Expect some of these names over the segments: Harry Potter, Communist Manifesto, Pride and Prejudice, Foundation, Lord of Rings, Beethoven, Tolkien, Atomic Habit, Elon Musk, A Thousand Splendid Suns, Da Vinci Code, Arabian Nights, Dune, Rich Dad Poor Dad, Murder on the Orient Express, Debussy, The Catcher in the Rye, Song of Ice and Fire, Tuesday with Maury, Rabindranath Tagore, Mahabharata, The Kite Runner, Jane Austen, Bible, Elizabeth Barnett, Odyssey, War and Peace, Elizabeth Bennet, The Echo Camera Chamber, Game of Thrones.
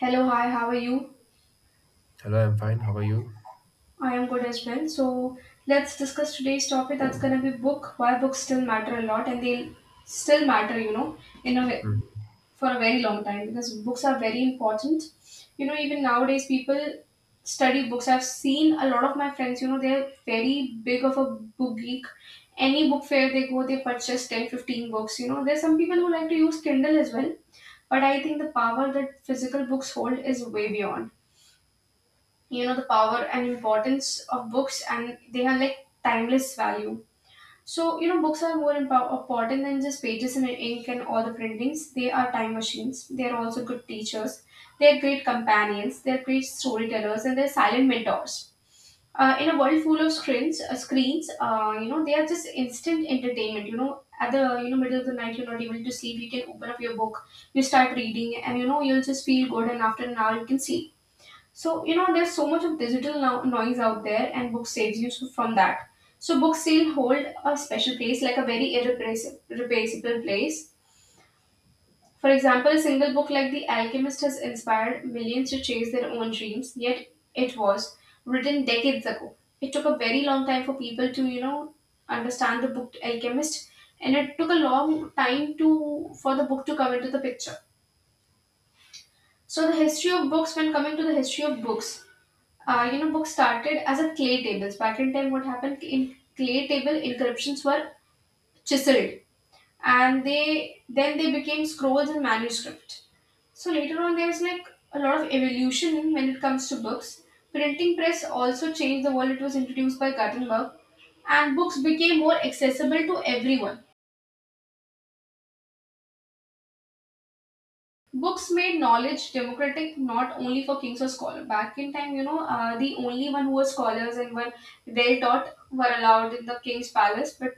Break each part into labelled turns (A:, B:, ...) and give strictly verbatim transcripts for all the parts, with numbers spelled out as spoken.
A: Hello, hi, how are you?
B: Hello, I'm fine. How are you?
A: I am good as well. So, let's discuss today's topic that's going to be book, why books still matter a lot and they'll still matter, you know, in a way, for a very long time because books are very important. You know, even nowadays people study books. I've seen a lot of my friends, you know, they're very big of a book geek. Any book fair they go, they purchase ten, fifteen books, you know. There's some people who like to use Kindle as well, but I think the power that physical books hold is way beyond you know the power and importance of books, and they have like timeless value. So, you know books are more impo- important than just pages and ink and all the printings. They are time machines, they are also good teachers, they are great companions, they are great storytellers, and they're silent mentors. Uh, in a world full of screens, uh, screens uh, you know they are just instant entertainment. You know at the you know middle of the night, you're not able to sleep, you can open up your book, you start reading, and you know you'll just feel good, and after an hour you can sleep. So, you know, there's so much of digital no- noise out there, and book saves you so- from that. So, books still hold a special place, like a very irreplaceable irreplaceable place. For example, a single book like The Alchemist has inspired millions to chase their own dreams, yet it was written decades ago. It took a very long time for people to, you know, understand the book Alchemist, and it took a long time to for the book to come into the picture. So the history of books, when coming to the history of books, uh, you know, books started as a clay tables. Back in time, what happened in clay table inscriptions were chiseled, and they then they became scrolls and manuscript. So later on, there was like a lot of evolution in when it comes to books. Printing press also changed the world. It was introduced by Gutenberg, and books became more accessible to everyone. Books made knowledge democratic, not only for kings or scholars. Back in time, you know, uh, the only one who were scholars and were well taught were allowed in the king's palace. But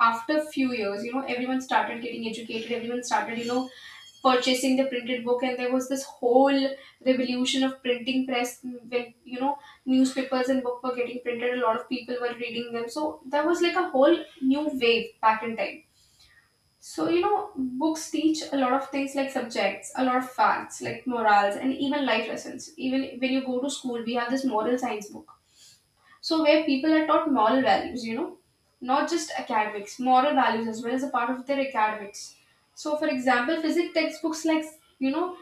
A: after few years, you know, everyone started getting educated. Everyone started, you know, purchasing the printed book, and there was this whole revolution of printing press when you know newspapers and book were getting printed. A lot of people were reading them, so there was like a whole new wave back in time. So, you know, books teach a lot of things like subjects, a lot of facts, like morals, and even life lessons. Even when you go to school, we have this moral science book. So, where people are taught moral values, you know, not just academics, moral values as well as a part of their academics. So, for example, physics textbooks like, you know,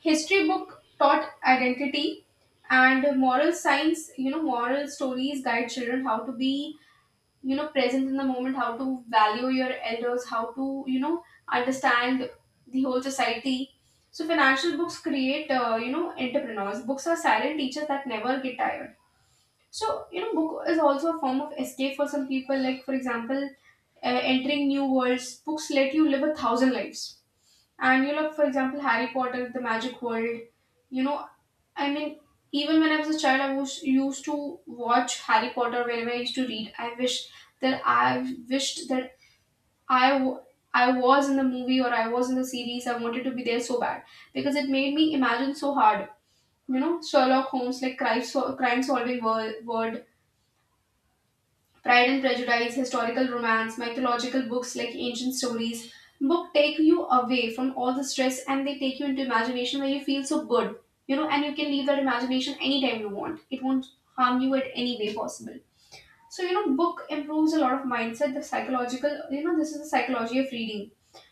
A: history book taught identity, and moral science, you know, moral stories guide children how to be you know present in the moment, how to value your elders, how to you know understand the whole society. So financial books create uh, you know entrepreneurs. Books are silent teachers that never get tired. So you know book is also a form of escape for some people, like for example, uh, entering new worlds, books let you live a thousand lives. And you know, like, for example, Harry Potter, The Magic World, you know, I mean, even when I was a child, I was used to watch Harry Potter whenever I used to read. I wish that I wished that I w- I was in the movie or I was in the series. I wanted to be there so bad because it made me imagine so hard. You know, Sherlock Holmes, like crime, so- crime solving world, world, Pride and Prejudice, historical romance, mythological books like ancient stories. Book take you away from all the stress and they take you into imagination where you feel so good. You know, and you can leave that imagination anytime you want. It won't harm you at any way possible. So, you know, book improves a lot of mindset, the psychological, you know, this is the psychology of reading.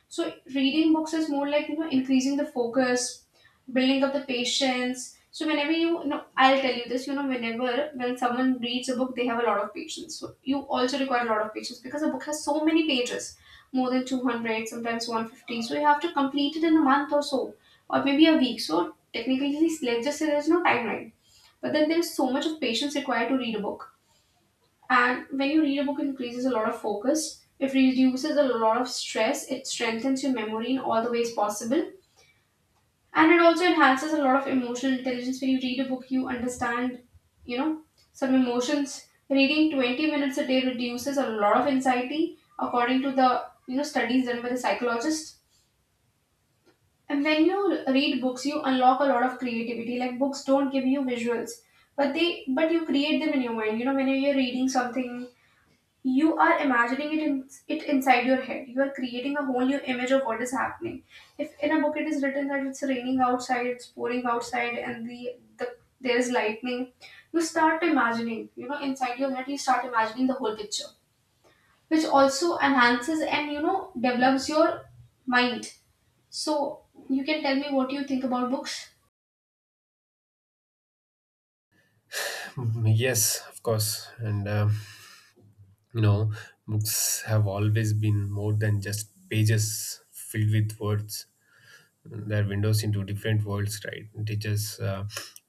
A: So reading books is more like you know increasing the focus, building up the patience. So whenever you, you know, I'll tell you this, you know, whenever when someone reads a book, they have a lot of patience. So you also require a lot of patience because a book has so many pages, more than two hundred, sometimes one fifty. So you have to complete it in a month or so, or maybe a week. So technically, let's just say there's no timeline. But then there is so much of patience required to read a book. And when you read a book, it increases a lot of focus. It reduces a lot of stress. It strengthens your memory in all the ways possible. And it also enhances a lot of emotional intelligence. When you read a book, you understand, you know, some emotions. Reading twenty minutes a day reduces a lot of anxiety, according to the, you know, studies done by the psychologist. And when you read books, you unlock a lot of creativity. Like books don't give you visuals, but they but you create them in your mind. You know, whenever you're reading something, you are imagining it in, it inside your head, you are creating a whole new image of what is happening. If in a book it is written that it's raining outside, it's pouring outside, and the, the there is lightning, you start imagining, you know inside your head you start imagining the whole picture, which also enhances and you know develops your mind. So you can tell me what you think about books.
B: Hmm. Yes, of course. And um you know, books have always been more than just pages filled with words. Their windows into different worlds, right? Teachers, uh,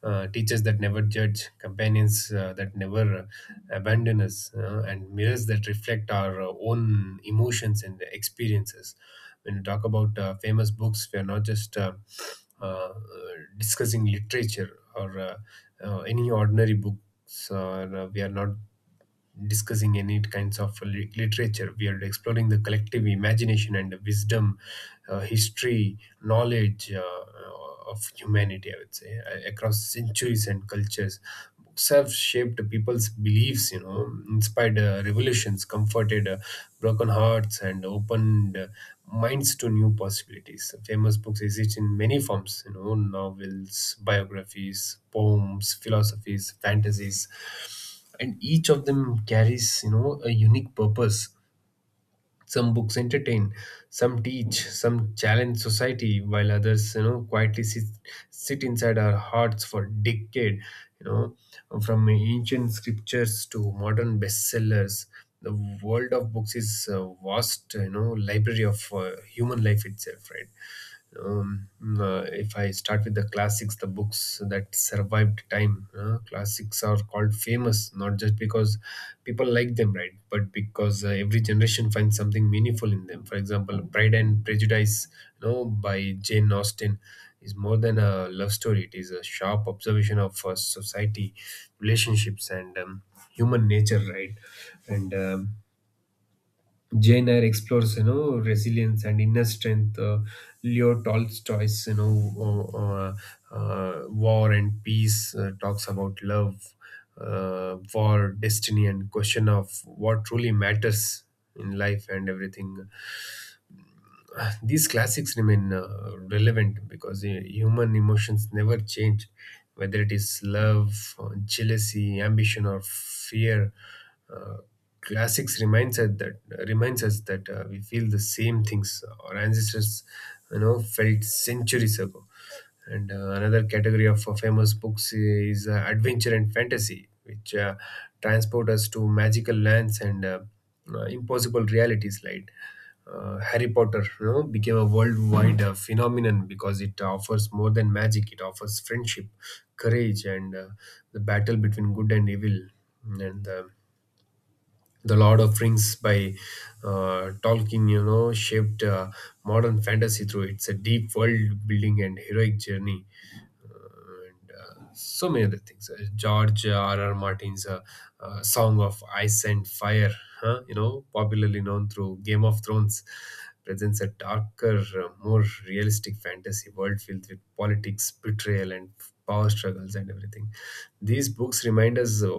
B: uh, teachers that never judge, companions uh, that never uh, abandon us, uh, and mirrors that reflect our uh, own emotions and experiences. When we talk about uh, famous books, we are not just uh, uh, discussing literature or uh, uh, any ordinary books, or uh, we are not discussing any kinds of lit- literature. We are exploring the collective imagination and the wisdom, uh, history, knowledge uh, uh, of humanity, I would say, a- across centuries and cultures. Books have shaped people's beliefs, you know, inspired uh, revolutions, comforted uh, broken hearts, and opened uh, minds to new possibilities. Famous books exist in many forms, you know, novels, biographies, poems, philosophies, fantasies, and each of them carries, you know, a unique purpose. Some books entertain, some teach, some challenge society, while others, you know, quietly sit, sit inside our hearts for decade, you know, from ancient scriptures to modern bestsellers. The world of books is a vast, you know, library of uh, human life itself, right? um, uh, if I start with the classics, the books that survived time, uh, classics are called famous not just because people like them, right? But because uh, every generation finds something meaningful in them. For example, Pride and Prejudice, you know, by Jane Austen, is more than a love story. It is a sharp observation of uh, society, relationships, and um, human nature, right? And um, Jane Eyre explores, you know, resilience and inner strength. Uh, Leo Tolstoy's, you know, uh, uh, uh, War and Peace uh, talks about love, uh, war, destiny, and question of what truly matters in life and everything. These classics remain uh, relevant because uh, human emotions never change, whether it is love, uh, jealousy, ambition, or fear. Uh, Classics reminds us that reminds us that uh, we feel the same things our ancestors, you know, felt centuries ago. And uh, Another category of uh, famous books uh, is uh, adventure and fantasy, which uh, transport us to magical lands and uh, uh, impossible realities. Like uh, Harry Potter, you know, became a worldwide uh, phenomenon because it offers more than magic. It offers friendship, courage, and uh, the battle between good and evil. And uh, The Lord of Rings by uh, Tolkien, you know, shaped uh, modern fantasy through its a deep world building and heroic journey, and uh, so many other things. Uh, George R. R. Martin's uh, uh, Song of Ice and Fire, huh? You know, popularly known through Game of Thrones, presents a darker, uh, more realistic fantasy world filled with politics, betrayal, and power struggles and everything. These books remind us uh,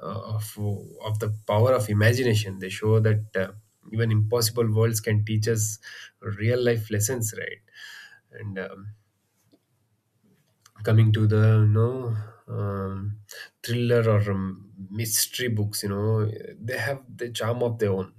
B: of, of the power of imagination. They show that uh, even impossible worlds can teach us real life lessons, right? And um, Coming to the, you know, um, thriller or um, mystery books, you know, they have the charm of their own.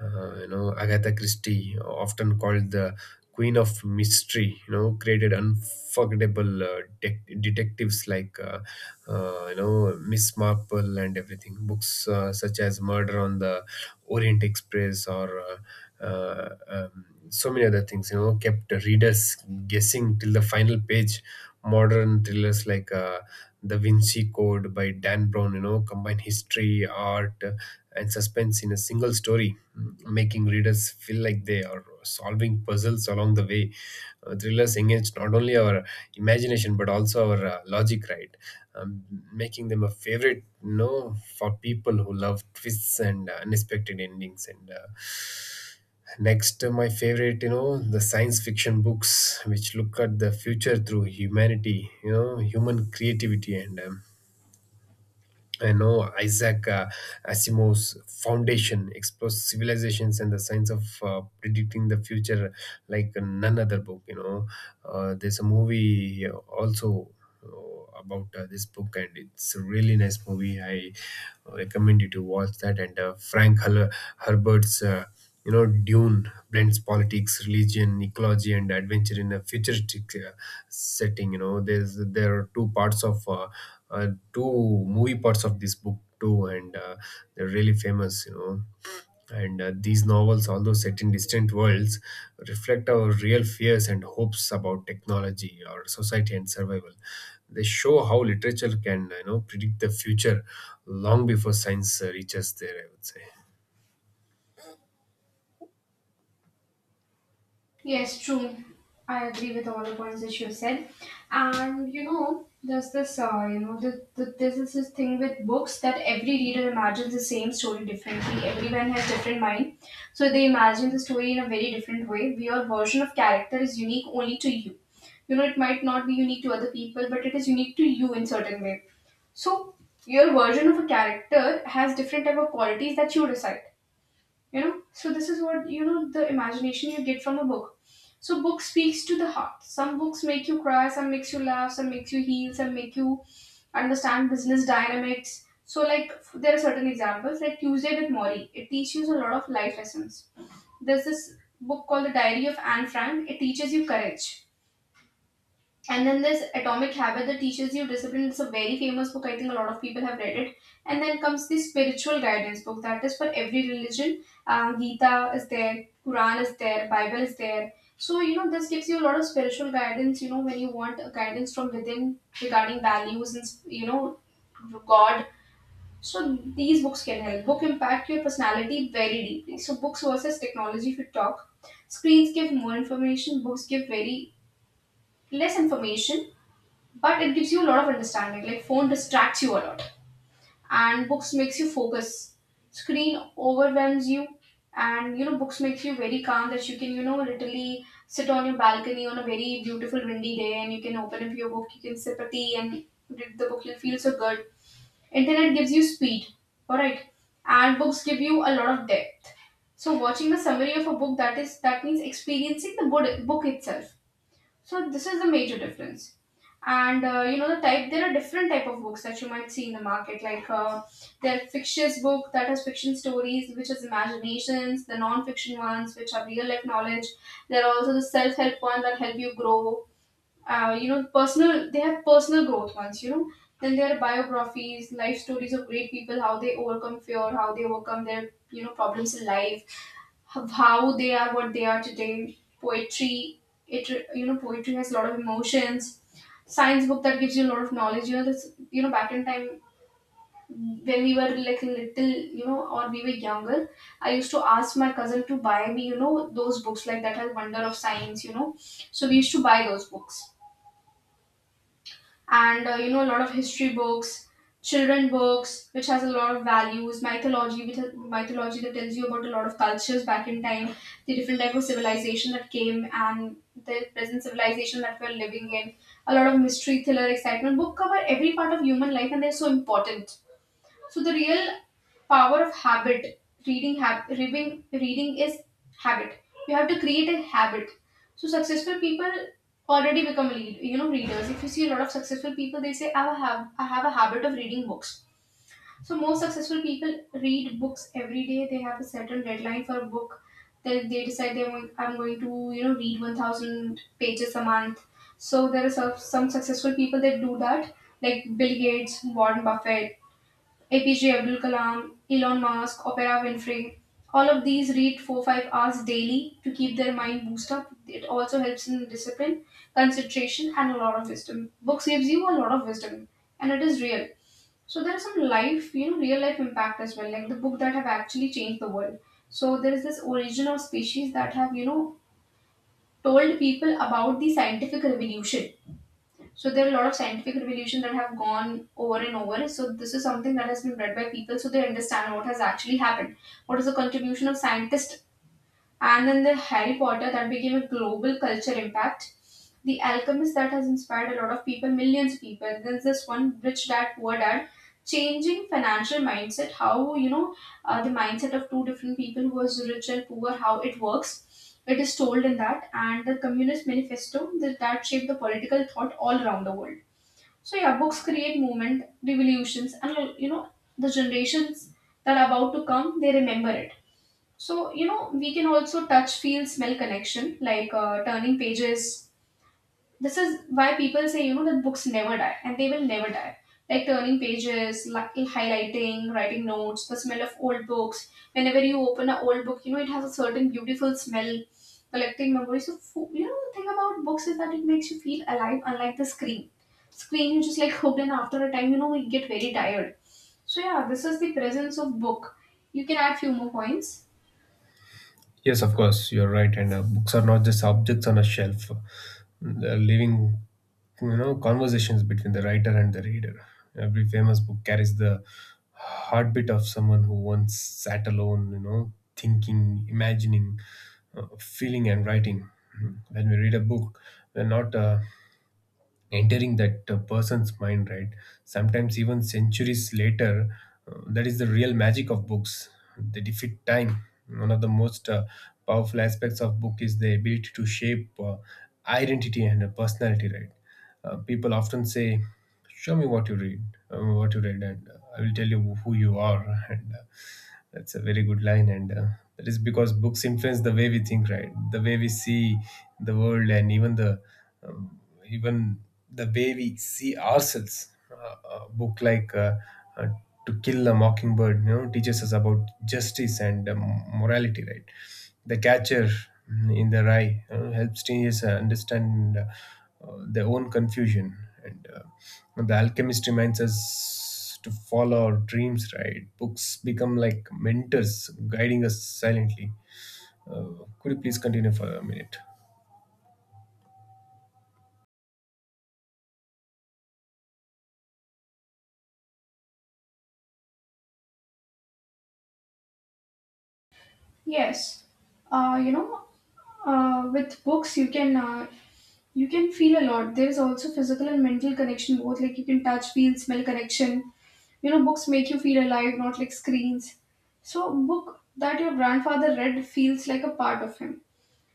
B: uh, You know, Agatha Christie, often called the queen of mystery, you know, created unforgettable uh, dec- detectives like, uh, uh, you know, Miss Marple and everything. Books uh, such as Murder on the Orient Express, or uh, uh, um, so many other things, you know, kept readers guessing till the final page. Modern thrillers like uh, the Vinci Code by Dan Brown, you know, combine history, art, uh, and suspense in a single story, mm, making readers feel like they are solving puzzles along the way. Uh, thrillers engage not only our imagination but also our uh, logic, right? Um, Making them a favorite, you know, for people who love twists and uh, unexpected endings. And uh, Next, uh, my favorite, you know, the science fiction books, which look at the future through humanity, you know, human creativity and, um, I know, Isaac uh, Asimov's Foundation explores civilizations and the science of uh, predicting the future like none other book. You know, uh, there's a movie also uh, about uh, this book, and it's a really nice movie. I recommend you to watch that. And uh, Frank Hal- Herbert's. Uh, you know, Dune blends politics, religion, ecology, and adventure in a futuristic uh, setting. You know, there's there are two parts of uh, uh, two movie parts of this book too, and uh, they're really famous. You know, and uh, these novels, although set in distant worlds, reflect our real fears and hopes about technology, our society, and survival. They show how literature can, you know, predict the future long before science uh, reaches there. I would say.
A: Yes, true. I agree with all the points that you said. And you know, there's this, uh, you know, the, the, this is this thing with books that every reader imagines the same story differently. Everyone has different mind, so they imagine the story in a very different way. Your version of character is unique only to you. You know, it might not be unique to other people, but it is unique to you in certain way. So your version of a character has different type of qualities that you decide. You know so this is what you know the imagination you get from a book. So book speaks to the heart. Some books make you cry, some makes you laugh, some makes you heal, some make you understand business dynamics. So like f- there are certain examples like Tuesday with Maury, it teaches you a lot of life lessons. There's this book called The Diary of Anne Frank, it teaches you courage. And then there's Atomic Habit that teaches you discipline. It's a very famous book. I think a lot of people have read it. And then comes the spiritual guidance book that is for every religion. Um, Gita is there, Quran is there, Bible is there. So you know this gives you a lot of spiritual guidance. You know when you want a guidance from within regarding values and you know God. So these books can help. Book impact your personality very deeply. So books versus technology. If you talk, screens give more information. Books give very less information, but it gives you a lot of understanding. Like phone distracts you a lot and books makes you focus. Screen overwhelms you, and you know books makes you very calm, that you can you know literally sit on your balcony on a very beautiful windy day, and you can open up your book, you can sip a tea and read the book, you'll feel so good. Internet gives you speed, all right, and books give you a lot of depth. So watching the summary of a book, that is that means experiencing the book book itself. So this is the major difference. And uh, you know the type. There are different type of books that you might see in the market. Like uh, there are fictitious book that has fiction stories, which is imaginations. The non-fiction ones, which are real life knowledge. There are also the self-help one that help you grow. Uh, you know personal. They have personal growth ones. You know. Then there are biographies, life stories of great people, how they overcome fear, how they overcome their you know problems in life, of how they are what they are today. Poetry, it you know, poetry has a lot of emotions. Science book that gives you a lot of knowledge. You know, this you know back in time when we were like little, you know, or we were younger, I used to ask my cousin to buy me, you know, those books like that has Wonder of Science, you know. So we used to buy those books and uh, you know a lot of history books, children books which has a lot of values, mythology with mythology that tells you about a lot of cultures back in time, the different type of civilization that came and the present civilization that we're living in, a lot of mystery, thriller, excitement book cover every part of human life and they're so important. So the real power of habit, reading, hab- reading, reading is habit. You have to create a habit. So successful people already become lead, you know, readers. If you see a lot of successful people, they say, I have, I have a habit of reading books. So most successful people read books every day. They have a certain deadline for a book. Then they decide they want, I'm going to, you know, read one thousand pages a month. So there are some some successful people that do that, like Bill Gates, Warren Buffett, A P J Abdul Kalam, Elon Musk, Opera Winfrey. All of these read four five hours daily to keep their mind boosted up. It also helps in discipline, concentration, and a lot of wisdom. Books gives you a lot of wisdom, and it is real. So there are some life, you know, real life impact as well, like the book that have actually changed the world. So there is this origin of species that have you know told people about the scientific revolution. So there are a lot of scientific revolution that have gone over and over. So this is something that has been read by people, so they understand what has actually happened. What is the contribution of scientists? And then the Harry Potter that became a global culture impact. The Alchemist that has inspired a lot of people, millions of people. There's this one rich dad, poor dad, changing financial mindset. How you know uh, the mindset of two different people who was rich and poor, how it works. It is told in that, and the Communist Manifesto that that shaped the political thought all around the world. So yeah, books create movement, revolutions, and you know the generations that are about to come, they remember it. So you know we can also touch, feel, smell connection, like uh, turning pages. This is why people say you know that books never die and they will never die, like turning pages, like highlighting, writing notes, the smell of old books. Whenever you open an old book, you know it has a certain beautiful smell, collecting memories. So fo- you know the thing about books is that it makes you feel alive, unlike the screen. Screen, you just like hooked and after a time you know we get very tired. So yeah, this is the presence of book. You can add few more points.
B: Yes, of course, you're right. And uh, Books are not just objects on a shelf; they're living, you know, conversations between the writer and the reader. Every famous book carries the heartbeat of someone who once sat alone, you know, thinking, imagining, uh, feeling, and writing. Hmm. When we read a book, we're not uh, entering that uh, person's mind, right? Sometimes even centuries later, uh, that is the real magic of books. They defeat time. One of the most uh, powerful aspects of book is the ability to shape uh, identity and uh, personality, right? Uh, people often say, show me what you read, uh, what you read, and uh, I will tell you who you are. And uh, That's a very good line. And uh, That is because books influence the way we think, right? The way we see the world, and even the um, even the way we see ourselves. Uh, a book like uh, uh, To Kill a Mockingbird, you know, teaches us about justice and, um, morality, right? The Catcher in the Rye you helps teenagers uh, understand uh, their own confusion, and uh, the alchemist reminds us to follow our dreams, right? Books become like mentors guiding us silently. uh, could you please continue for a minute?
A: Yes, uh, you know, uh, with books you can uh, you can feel a lot. There is also physical and mental connection both. Like you can touch, feel, smell connection. You know, books make you feel alive, not like screens. So, book that your grandfather read feels like a part of him.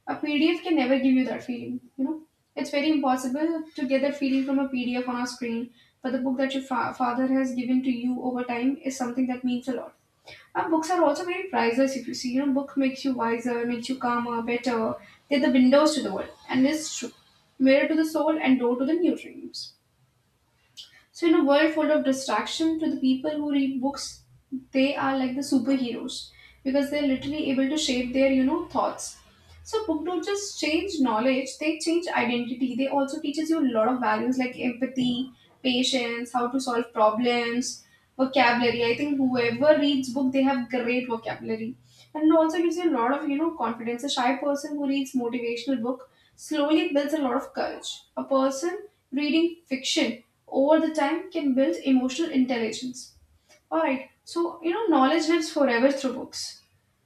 A: A P D F can never give you that feeling. You know, it's very impossible to get that feeling from a P D F on a screen. But the book that your fa- father has given to you over time is something that means a lot. Uh, books are also very priceless if you see. You know, book makes you wiser, makes you calmer, better. They're the windows to the world. And it's true. Mirror to the soul and door to the new dreams. So, in a world full of distraction, to the people who read books, they are like the superheroes because they're literally able to shape their, you know, thoughts. So, book don't just change knowledge; they change identity. They also teaches you a lot of values like empathy, patience, how to solve problems, vocabulary. I think whoever reads book, they have great vocabulary, and it also gives you a lot of, you know, confidence. A shy person who reads motivational book slowly builds a lot of courage. A person reading fiction over the time can build emotional intelligence. Alright, so you know, knowledge lives forever through books.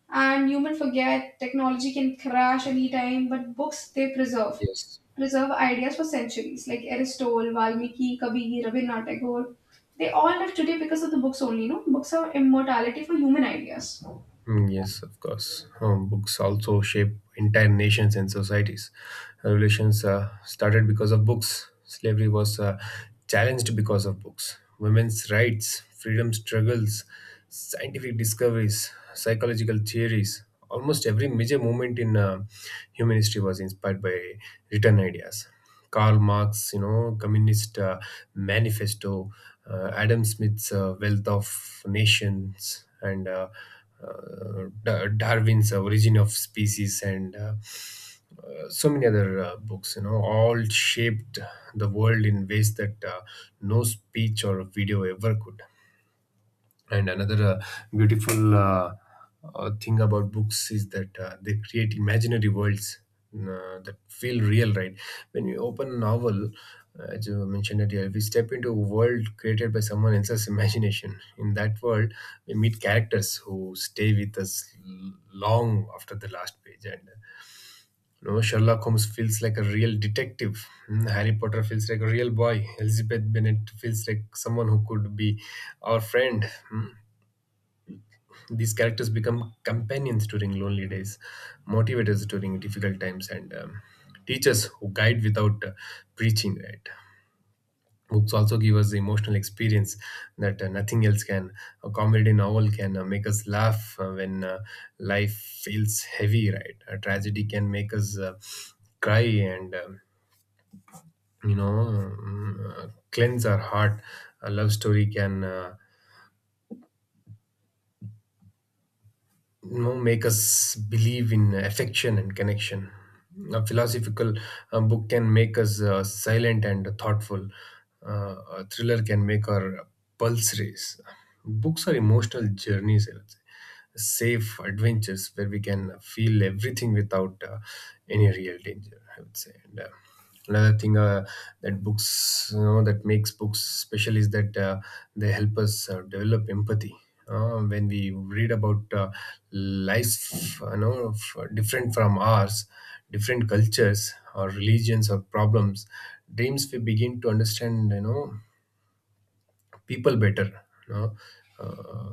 A: And human forget technology can crash anytime, but books they preserve. Preserve ideas for centuries, like Aristotle, Valmiki, Kabir, Rabindranath Tagore. They all live today because of the books only, you know. Books are immortality for human ideas.
B: Mm, yes, of course. Um, books also shape entire nations and societies. Revolutions uh, started because of books. Slavery was uh, challenged because of books. Women's rights, freedom struggles, scientific discoveries, psychological theories. Almost every major movement in uh, human history was inspired by written ideas. Karl Marx, you know, Communist uh, Manifesto, uh, Adam Smith's uh, Wealth of Nations, and uh, uh, Da- Darwin's uh, Origin of Species, and uh, uh, so many other uh, books, you know, all shaped the world in ways that uh, no speech or video ever could. And another uh, beautiful uh, uh, thing about books is that uh, they create imaginary worlds uh, that feel real, right? When you open a novel, uh, as you mentioned earlier, we step into a world created by someone else's imagination. In that world, we meet characters who stay with us l- long after the last page. And, you know, Sherlock Holmes feels like a real detective. Hmm, Harry Potter feels like a real boy. Elizabeth Bennet feels like someone who could be our friend. Hmm, these characters become companions during lonely days, motivators during difficult times, and, um, teachers who guide without uh, preaching, right? Books also give us the emotional experience that uh, nothing else can. A comedy novel can uh, make us laugh uh, when uh, life feels heavy, right? A tragedy can make us uh, cry and, um, you know mm, uh, cleanse our heart. A love story can, uh, you know, make us believe in affection and connection. A philosophical uh, book can make us uh, silent and thoughtful. Uh, a thriller can make our pulse race. Books are emotional journeys, I would say. Safe adventures where we can feel everything without uh, any real danger, I would say. And, uh, another thing uh, that books, you know, that makes books special is that uh, they help us uh, develop empathy. Uh, when we read about uh, life you know f- different from ours, different cultures or religions or problems, dreams, we begin to understand, you know, people better, you know. uh,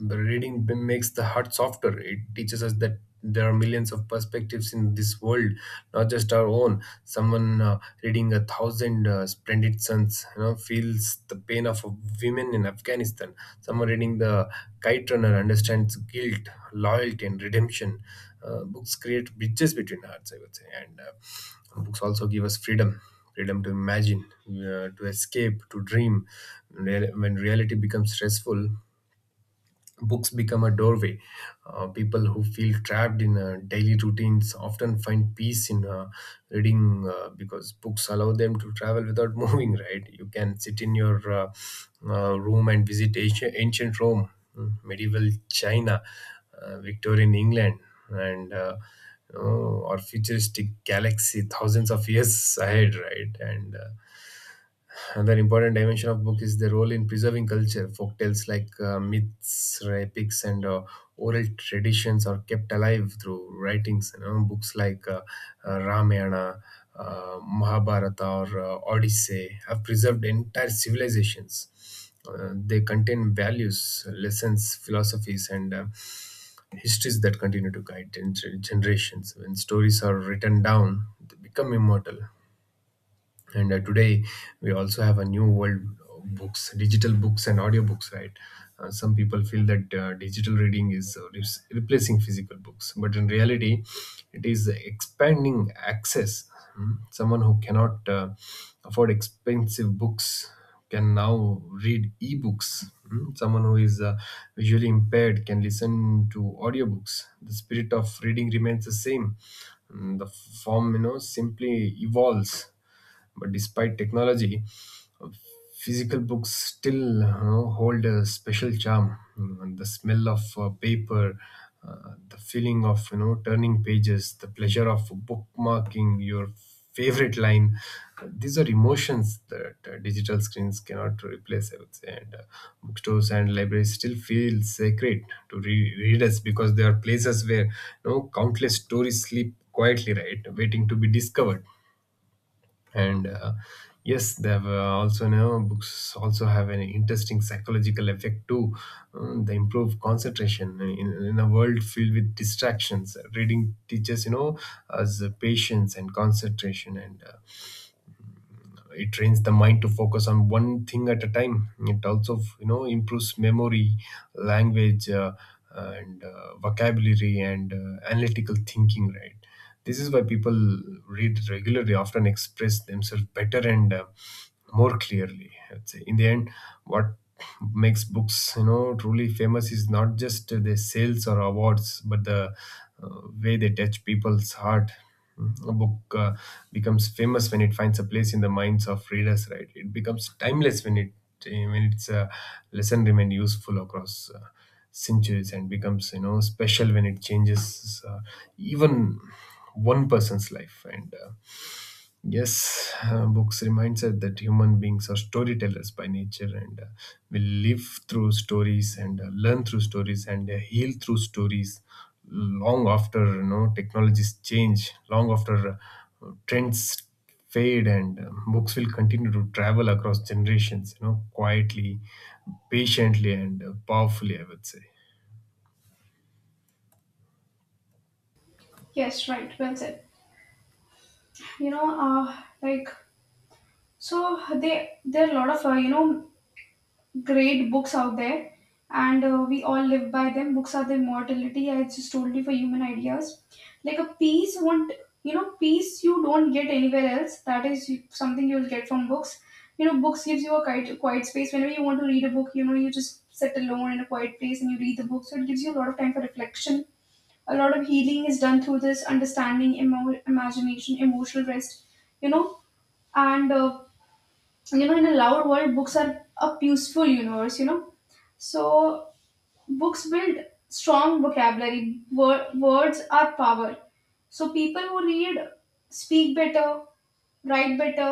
B: the reading b- makes the heart softer. It teaches us that there are millions of perspectives in this world, not just our own. Someone uh, reading A Thousand uh, Splendid Sons, you know, feels the pain of women in Afghanistan. Someone reading the Kite Runner understands guilt, loyalty, and redemption. Uh, books create bridges between hearts, I would say. And uh, Books also give us freedom, freedom to imagine, uh, to escape, to dream. Real, when reality becomes stressful, books become a doorway. Uh, people who feel trapped in uh, daily routines often find peace in uh, reading, uh, because books allow them to travel without moving, right? You can sit in your uh, uh, room and visit ancient, ancient Rome, mm, medieval China, uh, Victorian England, and, uh, you know, or futuristic galaxy thousands of years ahead, right? And uh, Another important dimension of book is the role in preserving culture. Folk tales like uh, myths, uh, epics, and uh, oral traditions are kept alive through writings. You know, books like uh, uh, Ramayana, uh, Mahabharata, or uh, Odyssey have preserved entire civilizations. Uh, they contain values, lessons, philosophies, and uh, histories that continue to guide gen- generations. When stories are written down, they become immortal, and uh, today we also have a new world of books, digital books and audiobooks, right? Uh, some people feel that uh, digital reading is uh, re- replacing physical books, but in reality it is expanding access. Hmm. Someone who cannot uh, afford expensive books can now read ebooks. Hmm. Someone who is uh, visually impaired can listen to audiobooks. The spirit of reading remains the same. Mm, the form, you know, simply evolves, but despite technology, physical books still, you know, hold a special charm. You know, the smell of uh, paper, uh, the feeling of, you know, turning pages, the pleasure of bookmarking your favorite line. These are emotions that uh, digital screens cannot replace. I would say, and uh, bookstores and libraries still feel sacred to re- readers because they are places where, you know, countless stories sleep quietly, right, waiting to be discovered. And uh, yes, they have, uh, also now, books also have an interesting psychological effect too. Um, they improve concentration in, in a world filled with distractions. Reading teaches, you know, as patience and concentration, and uh, it trains the mind to focus on one thing at a time. It also, you know, improves memory, language, uh, and uh, vocabulary, and uh, analytical thinking, right? This is why people read regularly, often express themselves better, and uh, more clearly, I'd say. In the end, what makes books, you know, truly famous is not just the sales or awards, but the uh, way they touch people's heart. A book uh, becomes famous when it finds a place in the minds of readers, right? It becomes timeless when it eh, when its uh, lesson remain useful across uh, centuries, and becomes, you know, special when it changes, uh, even one person's life. And, uh, yes, uh, books reminds us that human beings are storytellers by nature, and uh, we live through stories, and uh, learn through stories, and uh, heal through stories. Long after, you know, technologies change, long after uh, trends fade, and uh, books will continue to travel across generations. You know, quietly, patiently, and uh, powerfully. I would say.
A: Yes, right. Well said. You know, uh, like so they there are a lot of uh, you know great books out there and uh, we all live by them. Books are the immortality I just told you for human ideas, like a peace won't you know peace you don't get anywhere else, that is something you'll get from books. You know, books gives you a quiet, quiet space. Whenever you want to read a book, you know, you just sit alone in a quiet place and you read the book, so it gives you a lot of time for reflection. A lot of healing is done through this, understanding, emo- imagination, emotional rest, you know. And uh, you know, in a loud world books are a useful universe, you know. So books build strong vocabulary. Wor- words are power. So people who read speak better, write better,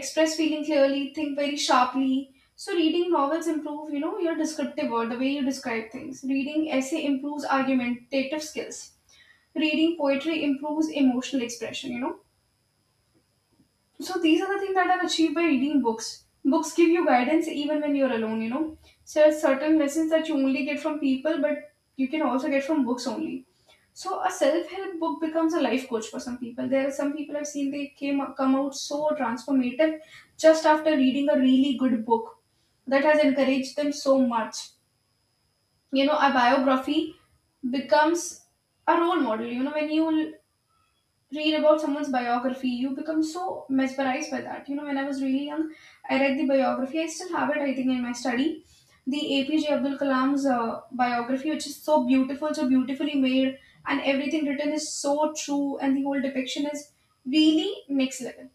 A: express feeling clearly, think very sharply. So reading novels improve you know your descriptive word, the way you describe things. Reading essay improves argumentative skills. Reading poetry improves emotional expression, you know. So these are the things that I've achieved by reading books. Books give you guidance even when you're alone, you know. So there are certain lessons that you only get from people, but you can also get from books only. So a self-help book becomes a life coach for some people. There are some people I've seen they came come out so transformative just after reading a really good book that has encouraged them so much. You know, a biography becomes a role model. You know, when you read about someone's biography you become so mesmerized by that. You know, when I was really young, I read the biography, I still have it I think in my study, the APJ Abdul Kalam's uh, biography, which is so beautiful, so beautifully made, and everything written is so true and the whole depiction is really next level.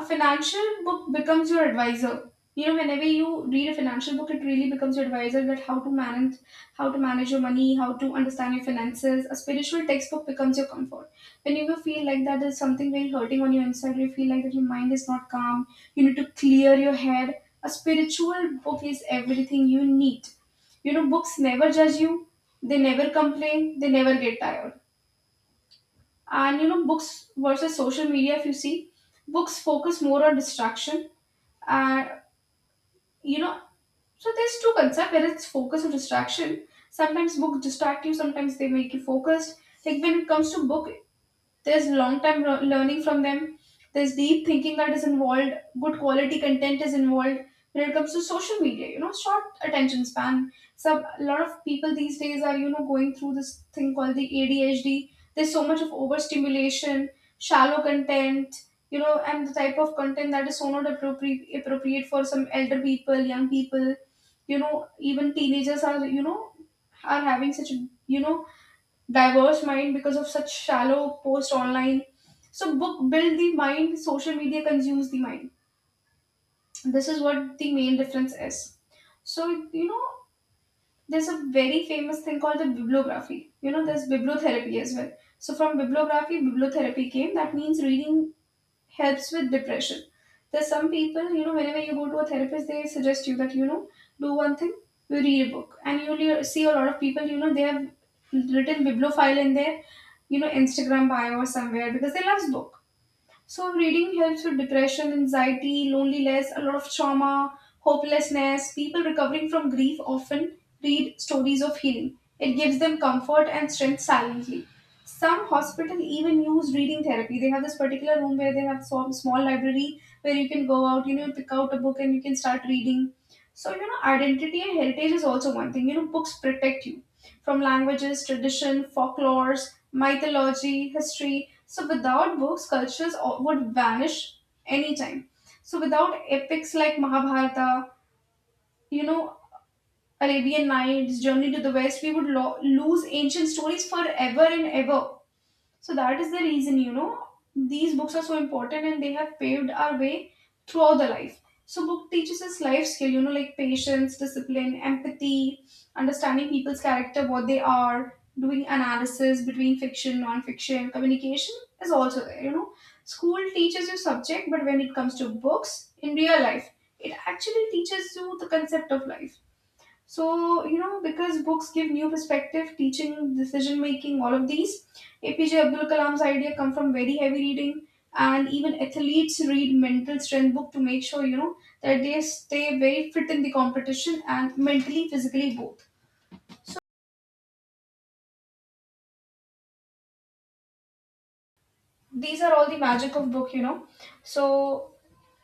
A: A financial book becomes your advisor. You know, whenever you read a financial book it really becomes your advisor, that how to manage how to manage your money, how to understand your finances. A spiritual textbook becomes your comfort. When you feel like that there's something very hurting on your inside, you feel like that your mind is not calm, you need to clear your head, a spiritual book is everything you need. You know, books never judge you, they never complain, they never get tired. And you know, books versus social media if you see, books focus more on distraction, and you know, so there's two concepts whether it's focus or distraction. Sometimes books distract you, sometimes they make you focused. Like when it comes to book, there's long time lear- learning from them, there's deep thinking that is involved, good quality content is involved. When it comes to social media, you know, short attention span. So a lot of people these days are you know going through this thing called the A D H D. There's so much of overstimulation, shallow content, you know, and the type of content that is so not appropriate appropriate for some elder people, young people, you know, even teenagers are you know are having such a you know diverse mind because of such shallow post online. So book build the mind, social media consumes the mind. This is what the main difference is. So you know, there's a very famous thing called the bibliography. You know, there's bibliotherapy as well. So from bibliography, bibliotherapy came. That means reading helps with depression. There's some people, you know, whenever you go to a therapist, they suggest you that, you know, do one thing, you read a book. And you'll hear- see a lot of people, you know, they have written bibliophile in their, you know, Instagram bio or somewhere because they love book. So reading helps with depression, anxiety, loneliness, a lot of trauma, hopelessness. People recovering from grief often read stories of healing. It gives them comfort and strength silently. Some hospitals even use reading therapy. They have this particular room where they have some small library where you can go out, you know, pick out a book and you can start reading. So, you know, identity and heritage is also one thing. You know, books protect you from languages, tradition, folklores, mythology, history. So without books, cultures all- would vanish anytime. So without epics like Mahabharata, you know, Arabian Nights, Journey to the West, we would lo- lose ancient stories forever and ever. So that is the reason, you know, these books are so important and they have paved our way throughout the life. So book teaches us life skill, you know, like patience, discipline, empathy, understanding people's character, what they are, doing analysis between fiction, non-fiction, communication is also there, you know. School teaches you subject, but when it comes to books in real life, it actually teaches you the concept of life. So, you know, because books give new perspective, teaching, decision making, all of these. A P J Abdul Kalam's idea come from very heavy reading, and even athletes read mental strength book to make sure, you know, that they stay very fit in the competition and mentally, physically both. So these are all the magic of book, you know. So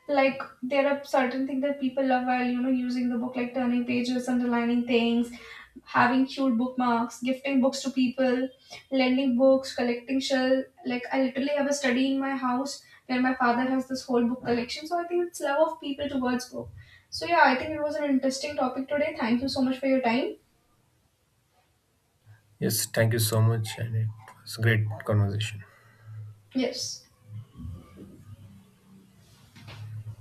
A: like there are certain things that people love while you know using the book, like turning pages, underlining things, having cute bookmarks, gifting books to people, lending books, collecting shell. Like I literally have a study in my house where my father has this whole book collection, so I think it's love of people towards book. So yeah, I think it was an interesting topic today. Thank you so much for your time.
B: Yes, thank you so much, and it was a great conversation.
A: Yes.